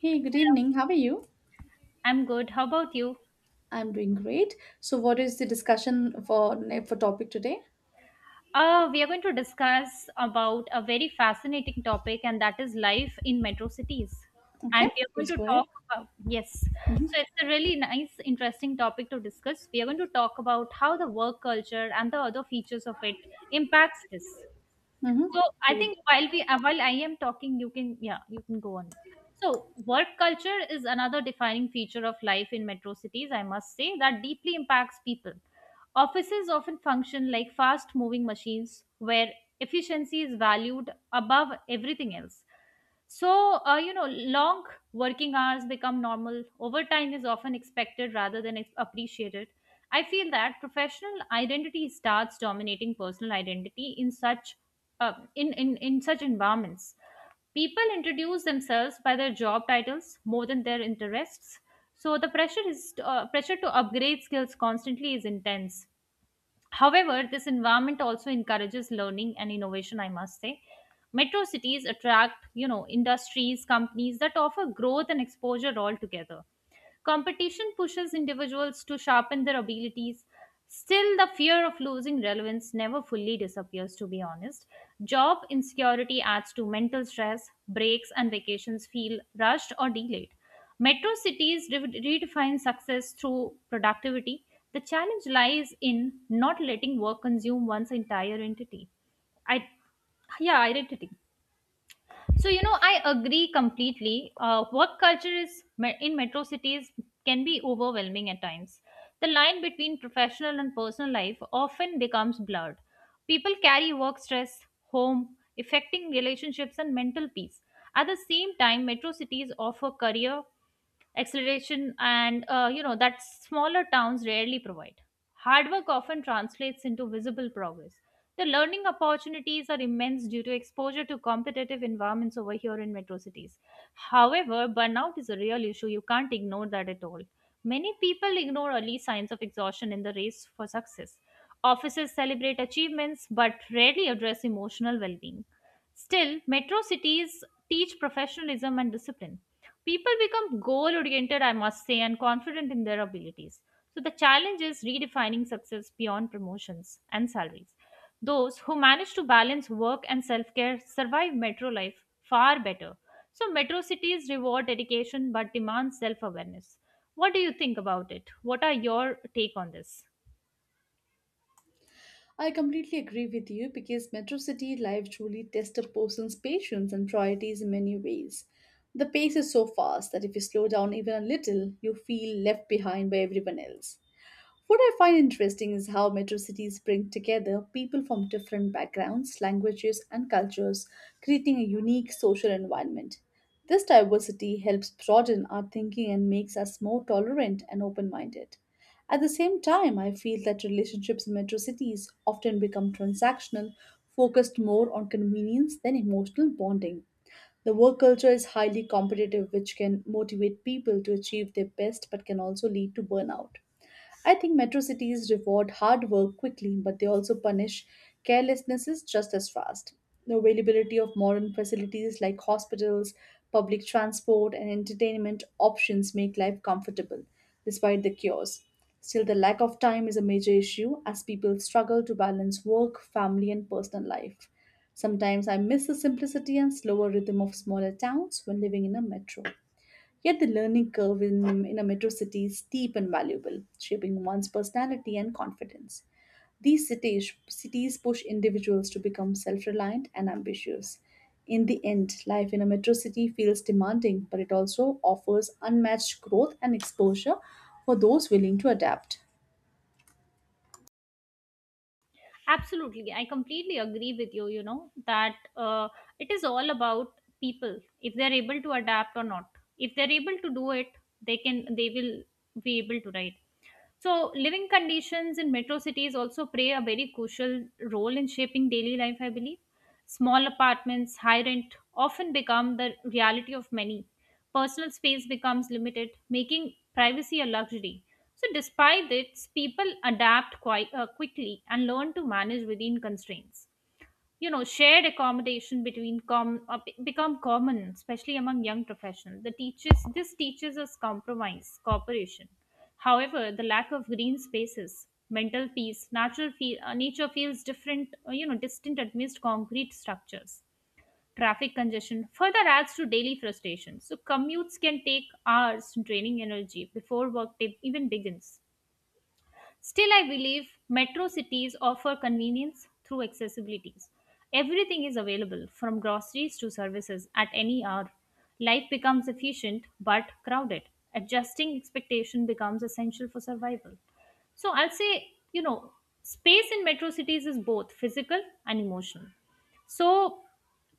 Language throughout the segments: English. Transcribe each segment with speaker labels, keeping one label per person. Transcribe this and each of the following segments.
Speaker 1: Hey, good evening. How are you?
Speaker 2: I'm good. How about you?
Speaker 1: I'm doing great. So, what is the discussion for topic today?
Speaker 2: We are going to discuss about a very fascinating topic, and that is life in metro cities.
Speaker 1: Okay,
Speaker 2: And we are going
Speaker 1: please
Speaker 2: to
Speaker 1: go ahead.
Speaker 2: talk about, yes.
Speaker 1: Mm-hmm.
Speaker 2: So it's a really nice, interesting topic to discuss. We are going to talk about how the work culture and the other features of it impacts this.
Speaker 1: Mm-hmm.
Speaker 2: So I
Speaker 1: Great.
Speaker 2: think while I am talking, you can yeah you can go on. So work culture is another defining feature of life in metro cities. I must say that deeply impacts people. Offices often function like fast moving machines where efficiency is valued above everything else. So, you know, long working hours become normal. Overtime is often expected rather than appreciated. I feel that professional identity starts dominating personal identity in such environments. People introduce themselves by their job titles more than their interests. So the pressure is pressure to upgrade skills constantly is intense. However, this environment also encourages learning and innovation, I must say. Metro cities attract, you know, industries, companies that offer growth and exposure altogether. Competition pushes individuals to sharpen their abilities. Still, the fear of losing relevance never fully disappears, to be honest. Job insecurity adds to mental stress, breaks and vacations feel rushed or delayed. Metro cities redefine success through productivity. The challenge lies in not letting work consume one's entire entity. I, yeah, identity. So, you know, I agree completely. Work culture in metro cities can be overwhelming at times. The line between professional and personal life often becomes blurred. People carry work stress home, affecting relationships and mental peace. At the same time, metro cities offer career acceleration and you know that smaller towns rarely provide. Hard work often translates into visible progress. The learning opportunities are immense due to exposure to competitive environments over here in metro cities. However, burnout is a real issue, you can't ignore that at all. Many people ignore early signs of exhaustion in the race for success. Offices celebrate achievements but rarely address emotional well-being. Still, metro cities teach professionalism and discipline. People become goal oriented, I must say, and confident in their abilities. So the challenge is redefining success beyond promotions and salaries. Those who manage to balance work and self care survive metro life far better. So metro cities reward dedication but demand self awareness. What do you think about it? What are your take on this?
Speaker 1: I completely agree with you because metro city life truly tests a person's patience and priorities in many ways. The pace is so fast that if you slow down even a little, you feel left behind by everyone else. What I find interesting is how metro cities bring together people from different backgrounds, languages, and cultures, creating a unique social environment. This diversity helps broaden our thinking and makes us more tolerant and open minded. At the same time, I feel that relationships in metro cities often become transactional, focused more on convenience than emotional bonding. The work culture is highly competitive, which can motivate people to achieve their best but can also lead to burnout. I think metro cities reward hard work quickly, but they also punish carelessnesses just as fast. The availability of modern facilities like hospitals, public transport, and entertainment options make life comfortable, despite the cures. Still, the lack of time is a major issue as people struggle to balance work, family, and personal life. Sometimes I miss the simplicity and slower rhythm of smaller towns when living in a metro. Yet the learning curve in a metro city is steep and valuable, shaping one's personality and confidence. These cities push individuals to become self reliant and ambitious. In the end, life in a metro city feels demanding, but it also offers unmatched growth and exposure for those willing to adapt.
Speaker 2: Absolutely, I completely agree with you. You know that it is all about people, if they're able to adapt or not. If they're able to do it, they can, they will be able to, right? So, living conditions in metro cities also play a very crucial role in shaping daily life, I believe. Small apartments, high rent often become the reality of many. Personal space becomes limited, making privacy a luxury. So, despite this, people adapt quite quickly and learn to manage within constraints. You know, shared accommodation between become common, especially among young professionals. The teaches this teaches us compromise, cooperation. However, the lack of green spaces, mental peace. Nature feels different you know, distant amidst concrete structures. Traffic congestion further adds to daily frustration, so commutes can take hours, draining energy before work day even begins. Still, I believe metro cities offer convenience through accessibilities. Everything is available, from groceries to services, at any hour. Life becomes efficient but crowded. Adjusting expectation becomes essential for survival. So I'll say, you know, space in metro cities is both physical and emotional. So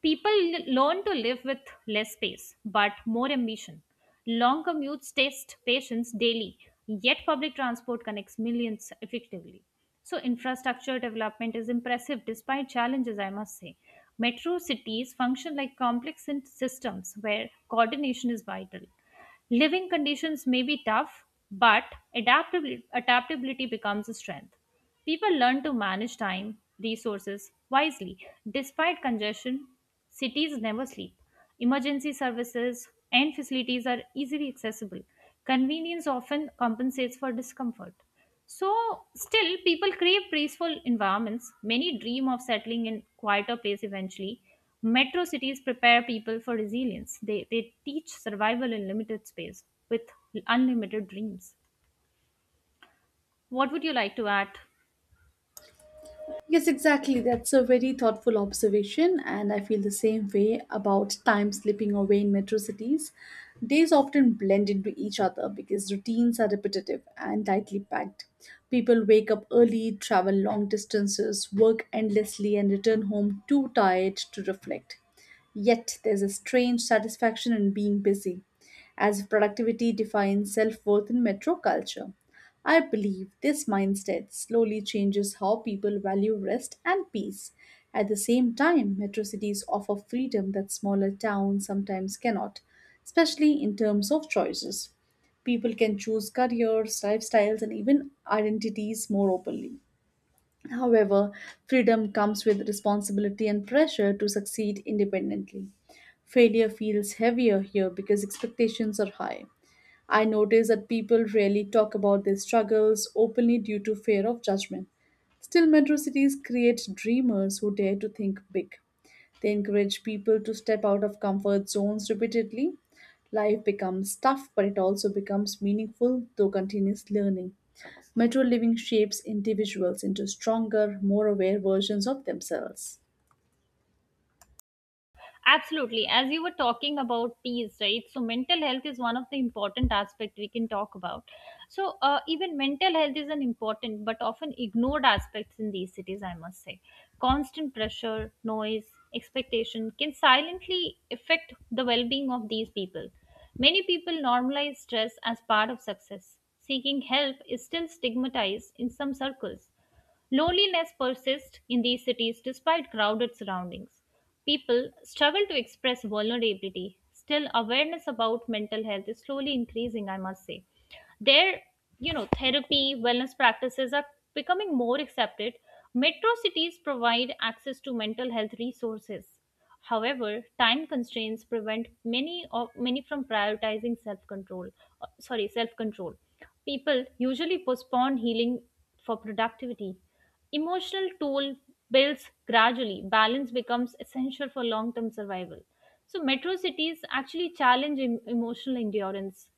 Speaker 2: people learn to live with less space but more ambition. Long commutes test patience daily, yet public transport connects millions effectively. So, infrastructure development is impressive despite challenges, I must say. Metro cities function like complex systems where coordination is vital. Living conditions may be tough, but adaptability becomes a strength. People learn to manage time, resources wisely. Despite congestion, cities never sleep. Emergency services and facilities are easily accessible. Convenience often compensates for discomfort. So, still, people crave peaceful environments. Many dream of settling in quieter place eventually. Metro cities prepare people for resilience. They teach survival in limited space with unlimited dreams. What would you like to add?
Speaker 1: Yes, exactly. That's a very thoughtful observation, and I feel the same way about time slipping away in metro cities. Days often blend into each other because routines are repetitive and tightly packed. People wake up early, travel long distances, work endlessly, and return home too tired to reflect. Yet, there's a strange satisfaction in being busy, as if productivity defines self worth in metro culture. I believe this mindset slowly changes how people value rest and peace. At the same time, metro cities offer freedom that smaller towns sometimes cannot, especially in terms of choices. People can choose careers, lifestyles, and even identities more openly. However, freedom comes with responsibility and pressure to succeed independently. Failure feels heavier here because expectations are high. I notice that people rarely talk about their struggles openly due to fear of judgment. Still, metro cities create dreamers who dare to think big. They encourage people to step out of comfort zones repeatedly. Life becomes tough, but it also becomes meaningful through continuous learning. Metro living shapes individuals into stronger, more aware versions of themselves.
Speaker 2: Absolutely. As you were talking about peace, right? So mental health is one of the important aspect we can talk about. So, even mental health is an important but often ignored aspects in these cities, I must say. Constant pressure, noise, expectation can silently affect the well-being of these people. Many people normalize stress as part of success. Seeking help is still stigmatized in some circles. Loneliness persists in these cities despite crowded surroundings. People struggle to express vulnerability. Still, awareness about mental health is slowly increasing, I must say. Their, you know, therapy, wellness practices are becoming more accepted. Metro cities provide access to mental health resources. However, time constraints prevent many from prioritizing self-control. Self-control. People usually postpone healing for productivity. Emotional toll builds gradually. Balance becomes essential for long-term survival. So metro cities actually challenge emotional endurance.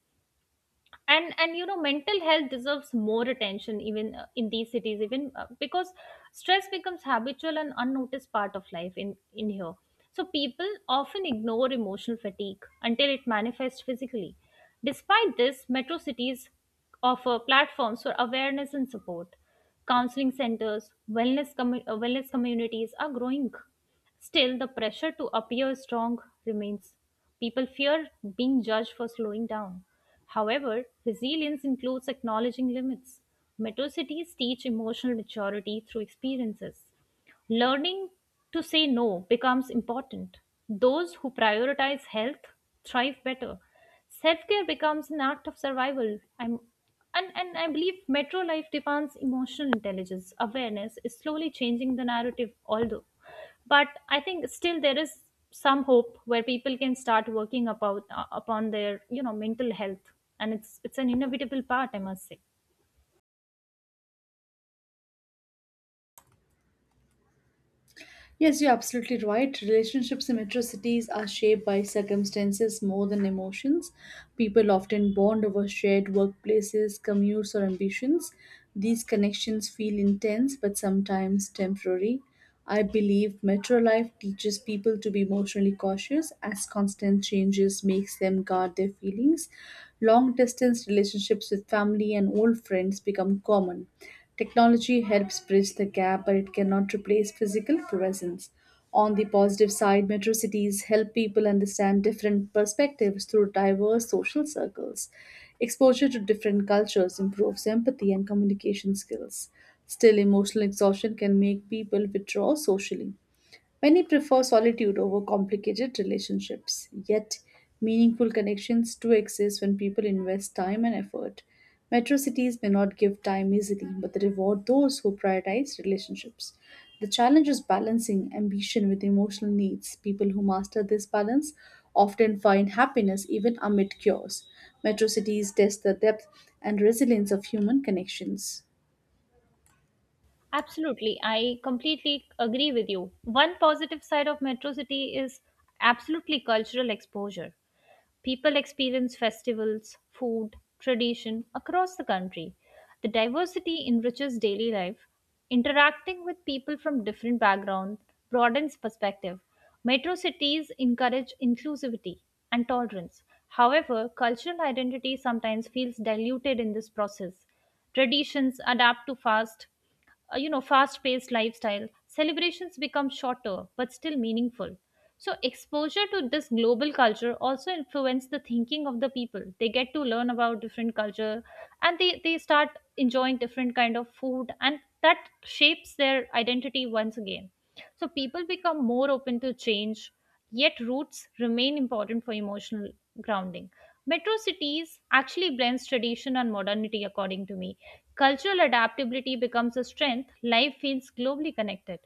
Speaker 2: And you know, mental health deserves more attention even in these cities, even because stress becomes habitual and unnoticed part of life in here. So people often ignore emotional fatigue until it manifests physically. Despite this, metro cities offer platforms for awareness and support. Counseling centers, wellness communities are growing. Still, the pressure to appear strong remains. People fear being judged for slowing down. However, resilience includes acknowledging limits. Metro cities teach emotional maturity through experiences. Learning to say no becomes important. Those who prioritize health thrive better. Self care becomes an act of survival. And I believe metro life demands emotional intelligence. Awareness is slowly changing the narrative, although. But I think still there is some hope where people can start working about, upon their, you know, mental health. And it's an inevitable part, I must say.
Speaker 1: Yes, you're absolutely right. Relationships in metro cities are shaped by circumstances more than emotions. People often bond over shared workplaces, commutes, or ambitions. These connections feel intense but sometimes temporary. I believe metro life teaches people to be emotionally cautious as constant changes makes them guard their feelings. Long distance relationships with family and old friends become common. Technology helps bridge the gap, but it cannot replace physical presence. On the positive side, metro cities help people understand different perspectives through diverse social circles. Exposure to different cultures improves empathy and communication skills. Still, emotional exhaustion can make people withdraw socially. Many prefer solitude over complicated relationships, yet, meaningful connections do exist when people invest time and effort. Metro cities may not give time easily, but they reward those who prioritize relationships. The challenge is balancing ambition with emotional needs. People who master this balance often find happiness even amid chaos. Metro cities test the depth and resilience of human connections.
Speaker 2: Absolutely. I completely agree with you. One positive side of Metro City is absolutely cultural exposure. People experience festivals, food, tradition across the country. The diversity enriches daily life. Interacting with people from different backgrounds broadens perspective. Metro cities encourage inclusivity and tolerance. However, cultural identity sometimes feels diluted in this process. Traditions adapt to fast you know, fast paced lifestyle. Celebrations become shorter but still meaningful. So exposure to this global culture also influence the thinking of the people. They get to learn about different culture and they start enjoying different kind of food, and that shapes their identity once again. So people become more open to change, yet roots remain important for emotional grounding. Metro cities actually blends tradition and modernity, according to me. Cultural adaptability becomes a strength, life feels globally connected.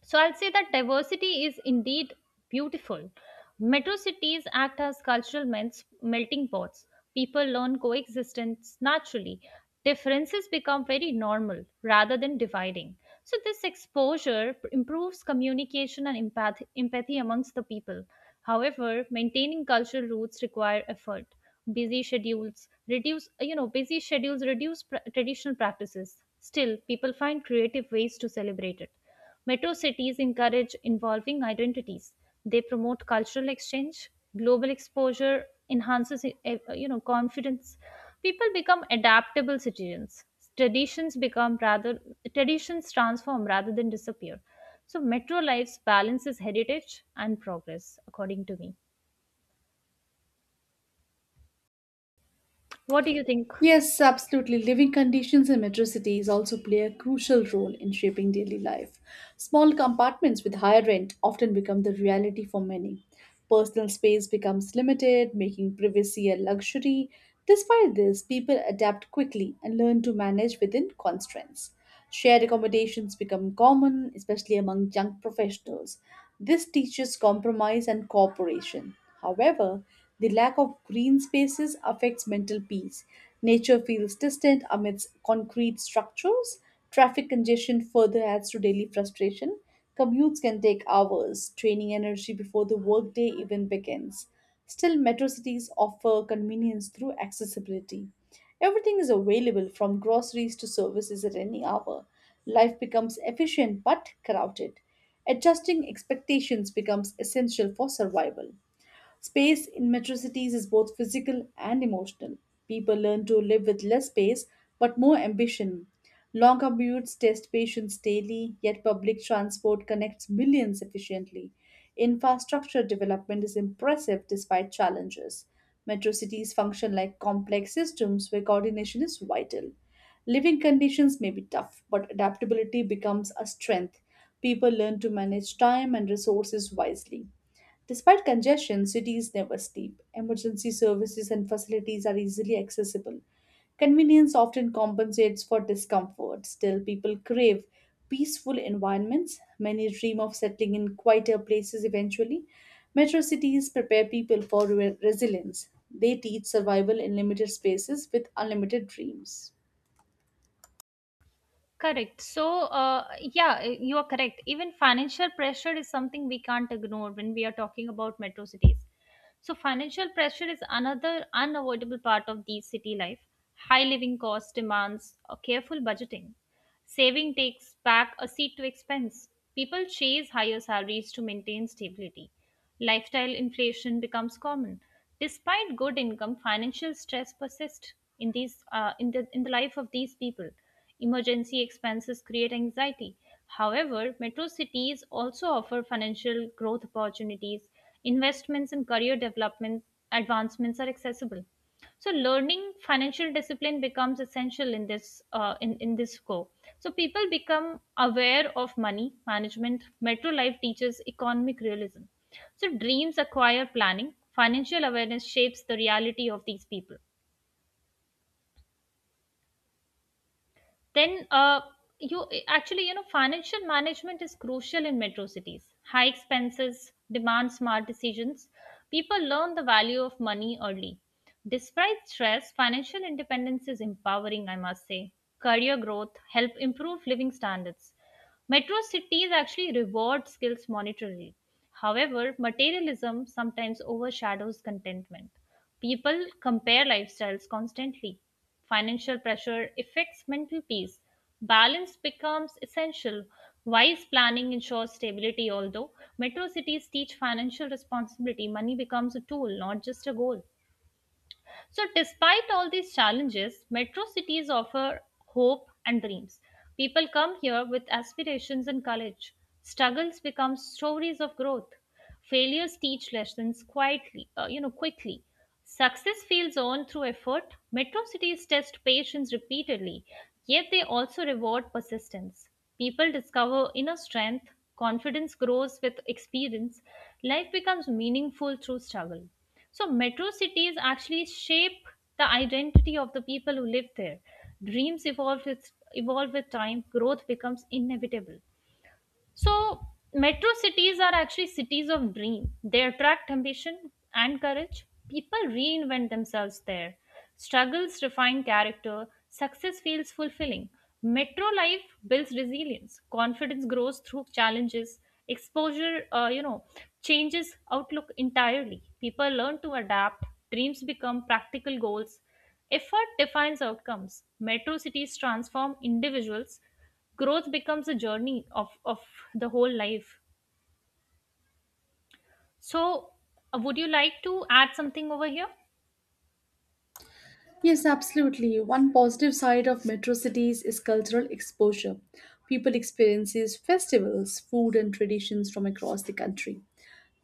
Speaker 2: So I'll say that diversity is indeed beautiful. Metro cities act as cultural melting pots. People learn coexistence naturally. Differences become very normal rather than dividing. So this exposure improves communication and empathy amongst the people. However, maintaining cultural roots require effort. Busy schedules reduce traditional practices. Still, people find creative ways to celebrate it. Metro cities encourage involving identities. They promote cultural exchange, global exposure enhances you know, confidence. People become adaptable citizens. Traditions become rather traditions transform rather than disappear. So metro lives balances heritage and progress, according to me. What do you think?
Speaker 1: Yes, absolutely. Living conditions in metro cities also play a crucial role in shaping daily life. Small compartments with higher rent often become the reality for many. Personal space becomes limited, making privacy a luxury. Despite this, people adapt quickly and learn to manage within constraints. Shared accommodations become common, especially among young professionals. This teaches compromise and cooperation. However, the lack of green spaces affects mental peace. Nature feels distant amidst concrete structures. Traffic congestion further adds to daily frustration. Commutes can take hours, draining energy before the workday even begins. Still, metro cities offer convenience through accessibility. Everything is available from groceries to services at any hour. Life becomes efficient but crowded. Adjusting expectations becomes essential for survival. Space in metro cities is both physical and emotional. People learn to live with less space but more ambition. Long commutes test patience daily, yet public transport connects millions efficiently. Infrastructure development is impressive despite challenges. Metro cities function like complex systems where coordination is vital. Living conditions may be tough, but adaptability becomes a strength. People learn to manage time and resources wisely. Despite congestion, cities never sleep. Emergency services and facilities are easily accessible. Convenience often compensates for discomfort. Still, people crave peaceful environments. Many dream of settling in quieter places eventually. Metro cities prepare people for resilience. They teach survival in limited spaces with unlimited dreams.
Speaker 2: Correct. So, you are correct. Even financial pressure is something we can't ignore when we are talking about metro cities. So, financial pressure is another unavoidable part of these city life. High living costs demands a careful budgeting. Saving takes back a seat to expense. People chase higher salaries to maintain stability. Lifestyle inflation becomes common. Despite good income, financial stress persists in these in the life of these people. Emergency expenses create anxiety. However, metro cities also offer financial growth opportunities. Investments in career development advancements are accessible. So learning financial discipline becomes essential in in this scope. So people become aware of money management, metro life teaches economic realism. So dreams acquire planning, financial awareness shapes the reality of these people. Then you actually, you know, financial management is crucial in metro cities. High expenses demand smart decisions. People learn the value of money early. Despite stress, financial independence is empowering, I must say. Career growth help improve living standards. Metro cities actually reward skills monetarily. However, materialism sometimes overshadows contentment. People compare lifestyles constantly, financial pressure affects mental peace. Balance becomes essential. Wise planning ensures stability. Although metro cities teach financial responsibility, money becomes a tool, not just a goal. So, despite all these challenges, metro cities offer hope and dreams. People come here with aspirations and courage. Struggles become stories of growth. Failures teach lessons quickly. Success feels earned through effort. Metro cities test patience repeatedly, yet they also reward persistence. People discover inner strength, confidence grows with experience, life becomes meaningful through struggle. So, metro cities actually shape the identity of the people who live there. Dreams evolve with time, growth becomes inevitable. So, metro cities are actually cities of dream. They attract ambition and courage. People reinvent themselves there. Struggles refine character. Success feels fulfilling. Metro life builds resilience. Confidence grows through challenges. Exposure, you know, changes outlook entirely. People learn to adapt. Dreams become practical goals. Effort defines outcomes. Metro cities transform individuals. Growth becomes a journey of the whole life. So, would you like to add something over here?
Speaker 1: Yes, absolutely. One positive side of metro cities is cultural exposure. People experiences festivals, food and traditions from across the country.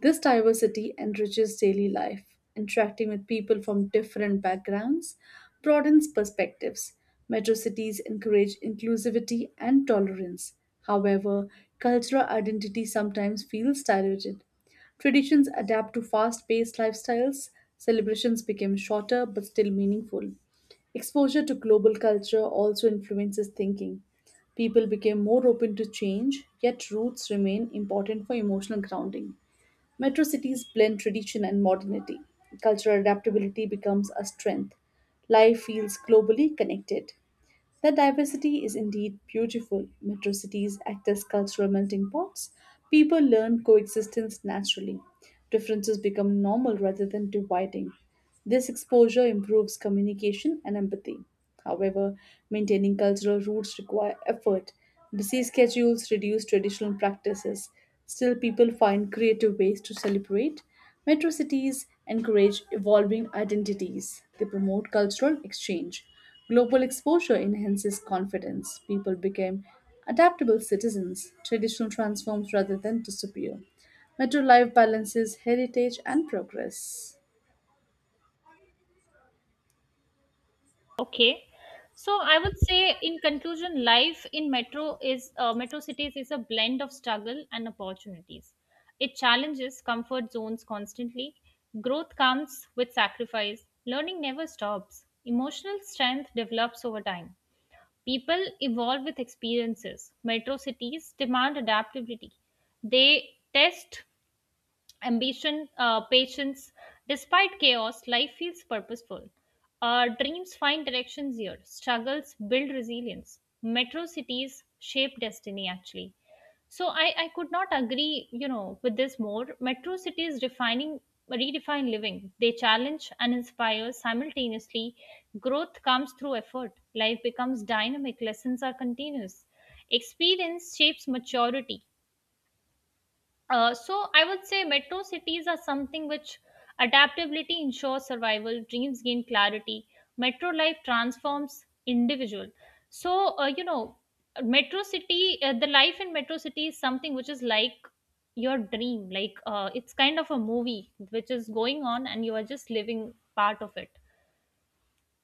Speaker 1: This diversity enriches daily life. Interacting with people from different backgrounds broadens perspectives. Metro cities encourage inclusivity and tolerance. However, cultural identity sometimes feels diluted. Traditions adapt to fast paced lifestyles, celebrations become shorter but still meaningful. Exposure to global culture also influences thinking. People became more open to change, yet roots remain important for emotional grounding. Metro cities blend tradition and modernity. Cultural adaptability becomes a strength. Life feels globally connected. That diversity is indeed beautiful. Metro cities act as cultural melting pots. People learn coexistence naturally. Differences become normal rather than dividing. This exposure improves communication and empathy. However, maintaining cultural roots require effort. Busy schedules reduce traditional practices. Still, people find creative ways to celebrate. Metro cities encourage evolving identities. They promote cultural exchange. Global exposure enhances confidence. People became adaptable citizens. Traditional transforms rather than disappear. Metro life balances heritage and progress.
Speaker 2: Okay. So I would say, in conclusion, life in metro is metro cities is a blend of struggle and opportunities. It challenges comfort zones constantly. Growth comes with sacrifice. Learning never stops. Emotional strength develops over time. People evolve with experiences. Metro cities demand adaptability. They test patience. Despite chaos, life feels purposeful. Our dreams find directions here. Struggles build resilience. Metro cities shape destiny, actually. So I could not agree with this more. Metro cities defining redefine living. They challenge and inspire simultaneously. Growth comes through effort. Life becomes dynamic. Lessons are continuous. Experience shapes maturity. So I would say metro cities are something which adaptability ensures survival, dreams gain clarity, metro life transforms individual. So uh, you know, the life in metro city is something which is like your dream, it's kind of a movie which is going on and you are just living part of it.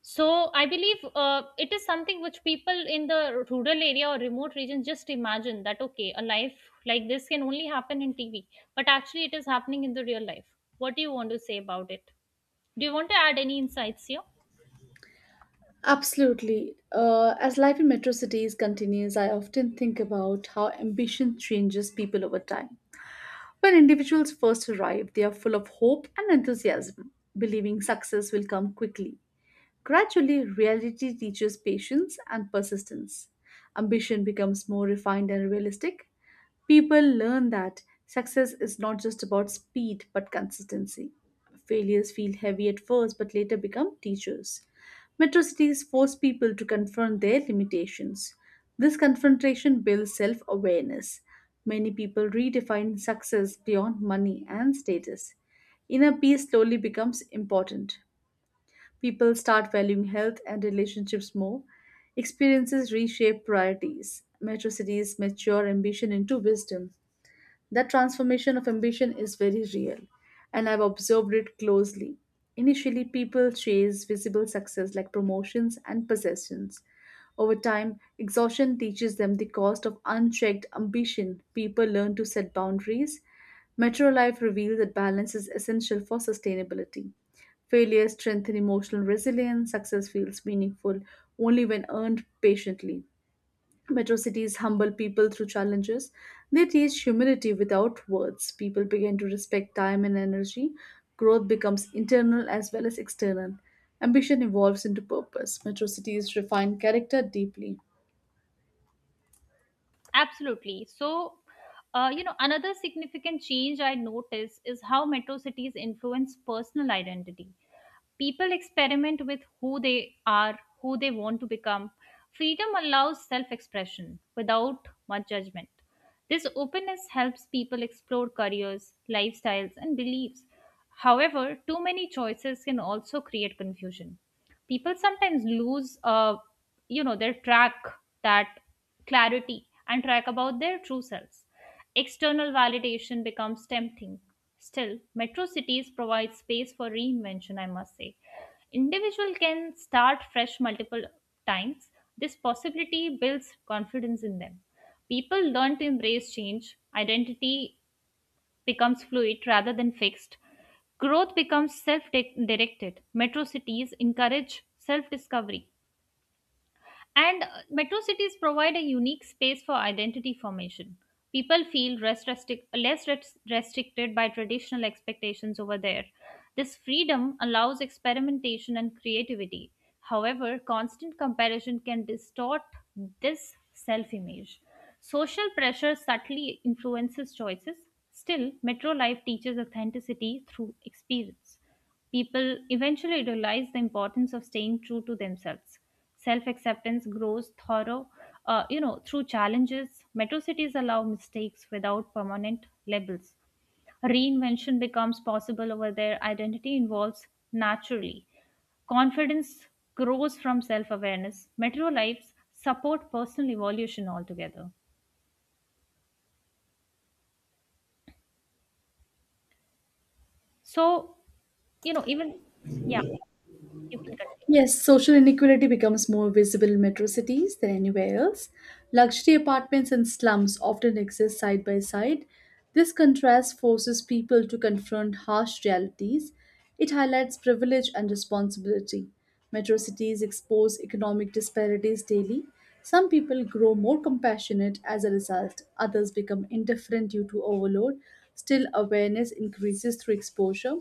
Speaker 2: So I believe it is something which people in the rural area or remote region just imagine that okay, a life like this can only happen in TV, but actually it is happening in the real life. What do you want to say about it? Do you want to add any insights here?
Speaker 1: Absolutely. As life in metro cities continues, I often think about how ambition changes people over time. When individuals first arrive, they are full of hope and enthusiasm, believing success will come quickly. Gradually, reality teaches patience and persistence. Ambition becomes more refined and realistic. People learn that success is not just about speed but consistency. Failures feel heavy at first but later become teachers. Metro cities force people to confront their limitations. This confrontation builds self awareness. Many people redefine success beyond money and status. Inner peace slowly becomes important. People start valuing health and relationships more. Experiences reshape priorities. Metro cities mature ambition into wisdom. That transformation of ambition is very real, and I've observed it closely. Initially, people chase visible success like promotions and possessions. Over time, exhaustion teaches them the cost of unchecked ambition. People learn to set boundaries. Metro Life reveals that balance is essential for sustainability. Failures strengthen emotional resilience. Success feels meaningful only when earned patiently. Metro cities humble people through challenges. They teach humility without words. People begin to respect time and energy. Growth becomes internal as well as external. Ambition evolves into purpose. Metro cities refine character deeply.
Speaker 2: Absolutely. So another significant change I notice is how metro cities influence personal identity. People experiment with who they are, who they want to become. Freedom allows self expression without much judgment. This openness helps people explore careers, lifestyles, and beliefs. However, too many choices can also create confusion. People sometimes their track, that clarity, and track about their true selves. External validation becomes tempting. Still, metro cities provide space for reinvention, I must say. Individual can start fresh multiple times. This possibility builds confidence in them. People learn to embrace change. Identity becomes fluid rather than fixed. Growth becomes self directed. Metro cities encourage self discovery. And Metro cities provide a unique space for identity formation. People feel less restricted by traditional expectations over there. This freedom allows experimentation and creativity. However, constant comparison can distort this self image. Social pressure subtly influences choices. Still, metro life teaches authenticity through experience. People eventually realize the importance of staying true to themselves. Self-acceptance grows through challenges. Metro cities allow mistakes without permanent labels. Reinvention becomes possible over there. Identity evolves naturally. Confidence grows from self awareness. Metro lives support personal evolution altogether. So, you know, even, yeah, you can continue.
Speaker 1: Yes, social inequality becomes more visible in metro cities than anywhere else. Luxury apartments and slums often exist side by side. This contrast forces people to confront harsh realities. It highlights privilege and responsibility. Metro cities expose economic disparities daily. Some people grow more compassionate as a result, others become indifferent due to overload. Still, awareness increases through exposure.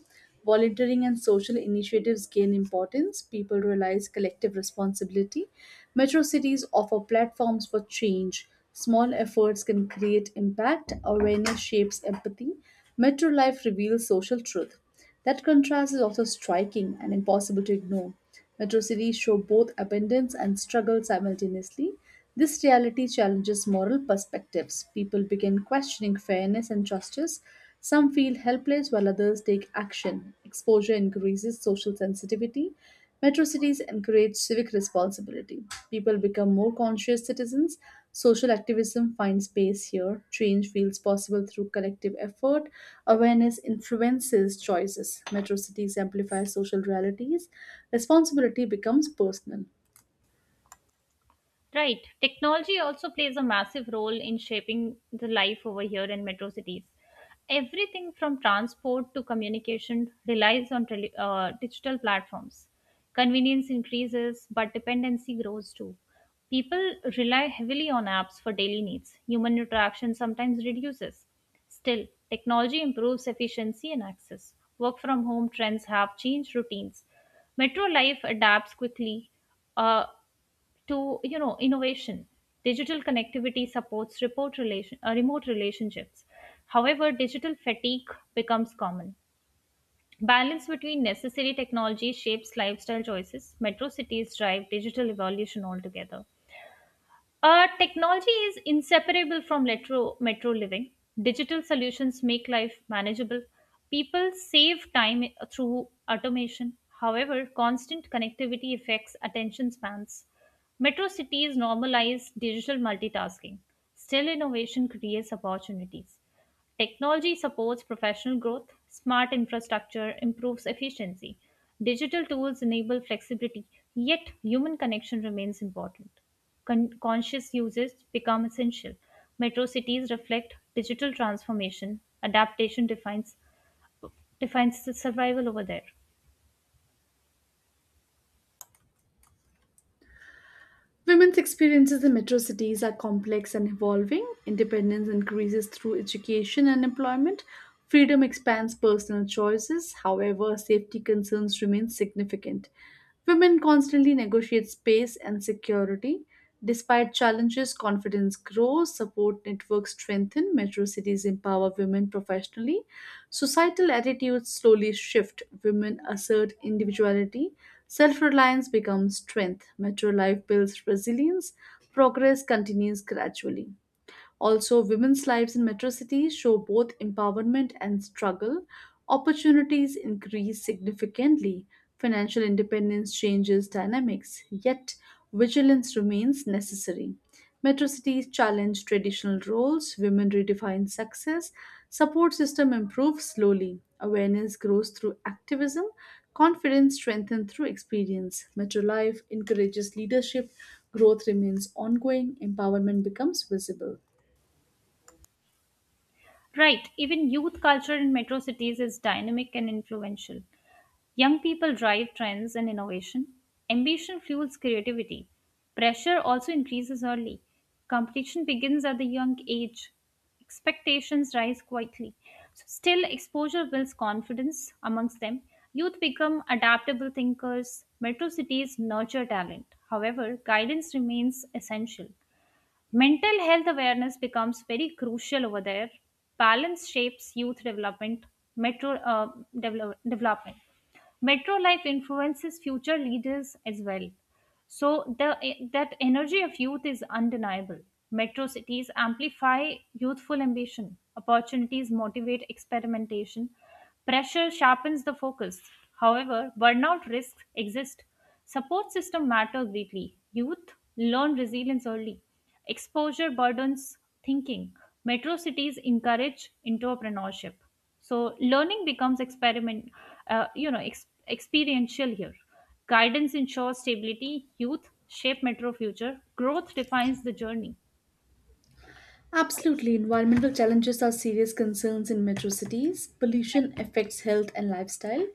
Speaker 1: Volunteering and social initiatives gain importance. People realize collective responsibility. Metro cities offer platforms for change. Small efforts can create impact. Awareness shapes empathy. Metro life reveals social truth. That contrast is also striking and impossible to ignore. Metro cities show both abundance and struggle simultaneously. This reality challenges moral perspectives. People begin questioning fairness and justice. Some feel helpless while others take action. Exposure increases social sensitivity. Metro cities encourage civic responsibility. People become more conscious citizens. Social activism finds space here. Change feels possible through collective effort. Awareness influences choices. Metro cities amplify social realities. Responsibility becomes personal.
Speaker 2: Right. Technology also plays a massive role in shaping the life over here in metro cities. Everything from transport to communication relies on digital platforms. Convenience increases, but dependency grows too. People rely heavily on apps for daily needs. Human interaction sometimes reduces. Still, technology improves efficiency and access. Work from home trends have changed routines. Metro life adapts quickly. Uh, to you know innovation, digital connectivity supports remote relationships, however digital fatigue becomes common, balance between necessary technology shapes lifestyle choices, metro cities drive digital evolution altogether. Technology is inseparable from metro living. Digital solutions make life manageable. People save time through automation. However, constant connectivity affects attention spans. Metro cities normalize digital multitasking. Still, innovation creates opportunities. Technology supports professional growth, smart infrastructure improves efficiency, digital tools enable flexibility, yet human connection remains important. Conscious uses become essential. Metro cities reflect digital transformation, adaptation defines the survival over there.
Speaker 1: Women's experiences in metro cities are complex and evolving. Independence increases through education and employment. Freedom expands personal choices. However, safety concerns remain significant. Women constantly negotiate space and security. Despite challenges, confidence grows, support networks strengthen, metro cities empower women professionally. Societal attitudes slowly shift, women assert individuality, self reliance becomes strength, metro life builds resilience, progress continues gradually. Also, women's lives in metro cities show both empowerment and struggle. Opportunities increase significantly. Financial independence changes dynamics, yet, vigilance remains necessary. Metro cities challenge traditional roles, women redefine success, support system improves slowly, awareness grows through activism, confidence strengthens through experience. Metro life encourages leadership, growth remains ongoing, empowerment becomes visible.
Speaker 2: Right, even youth culture in metro cities is dynamic and influential. Young people drive trends and innovation. Ambition fuels creativity. Pressure also increases early. Competition begins at the young age. Expectations rise quietly. So still, exposure builds confidence amongst them. Youth become adaptable thinkers. Metro cities nurture talent. However, guidance remains essential. Mental health awareness becomes very crucial over there. Balance shapes youth development, metro development. Metro life influences future leaders as well. So the that energy of youth is undeniable. Metro cities amplify youthful ambition. Opportunities motivate experimentation. Pressure sharpens the focus. However, burnout risks exist. Support system matter greatly. Youth learn resilience early. Exposure burdens thinking. Metro cities encourage entrepreneurship. So learning becomes experiment, you know, ex- experiential here. Guidance ensures stability. Youth shape metro future. Growth defines the journey.
Speaker 1: Absolutely. Environmental challenges are serious concerns in metro cities. Pollution affects health and lifestyle.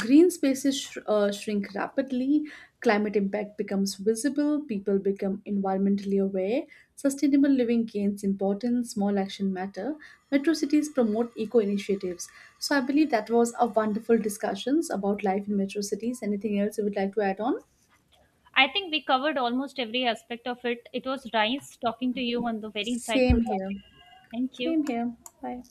Speaker 1: Green spaces shrink rapidly. Climate impact becomes visible. People become environmentally aware. Sustainable living gains importance. Small action matter. Metro cities promote eco initiatives. So I believe that was a wonderful discussions about life in metro cities. Anything else you would like to add on?
Speaker 2: I think we covered almost every aspect of it. It was nice talking to you on the very insightful.
Speaker 1: Same here.
Speaker 2: Thank you.
Speaker 1: Same here. Bye.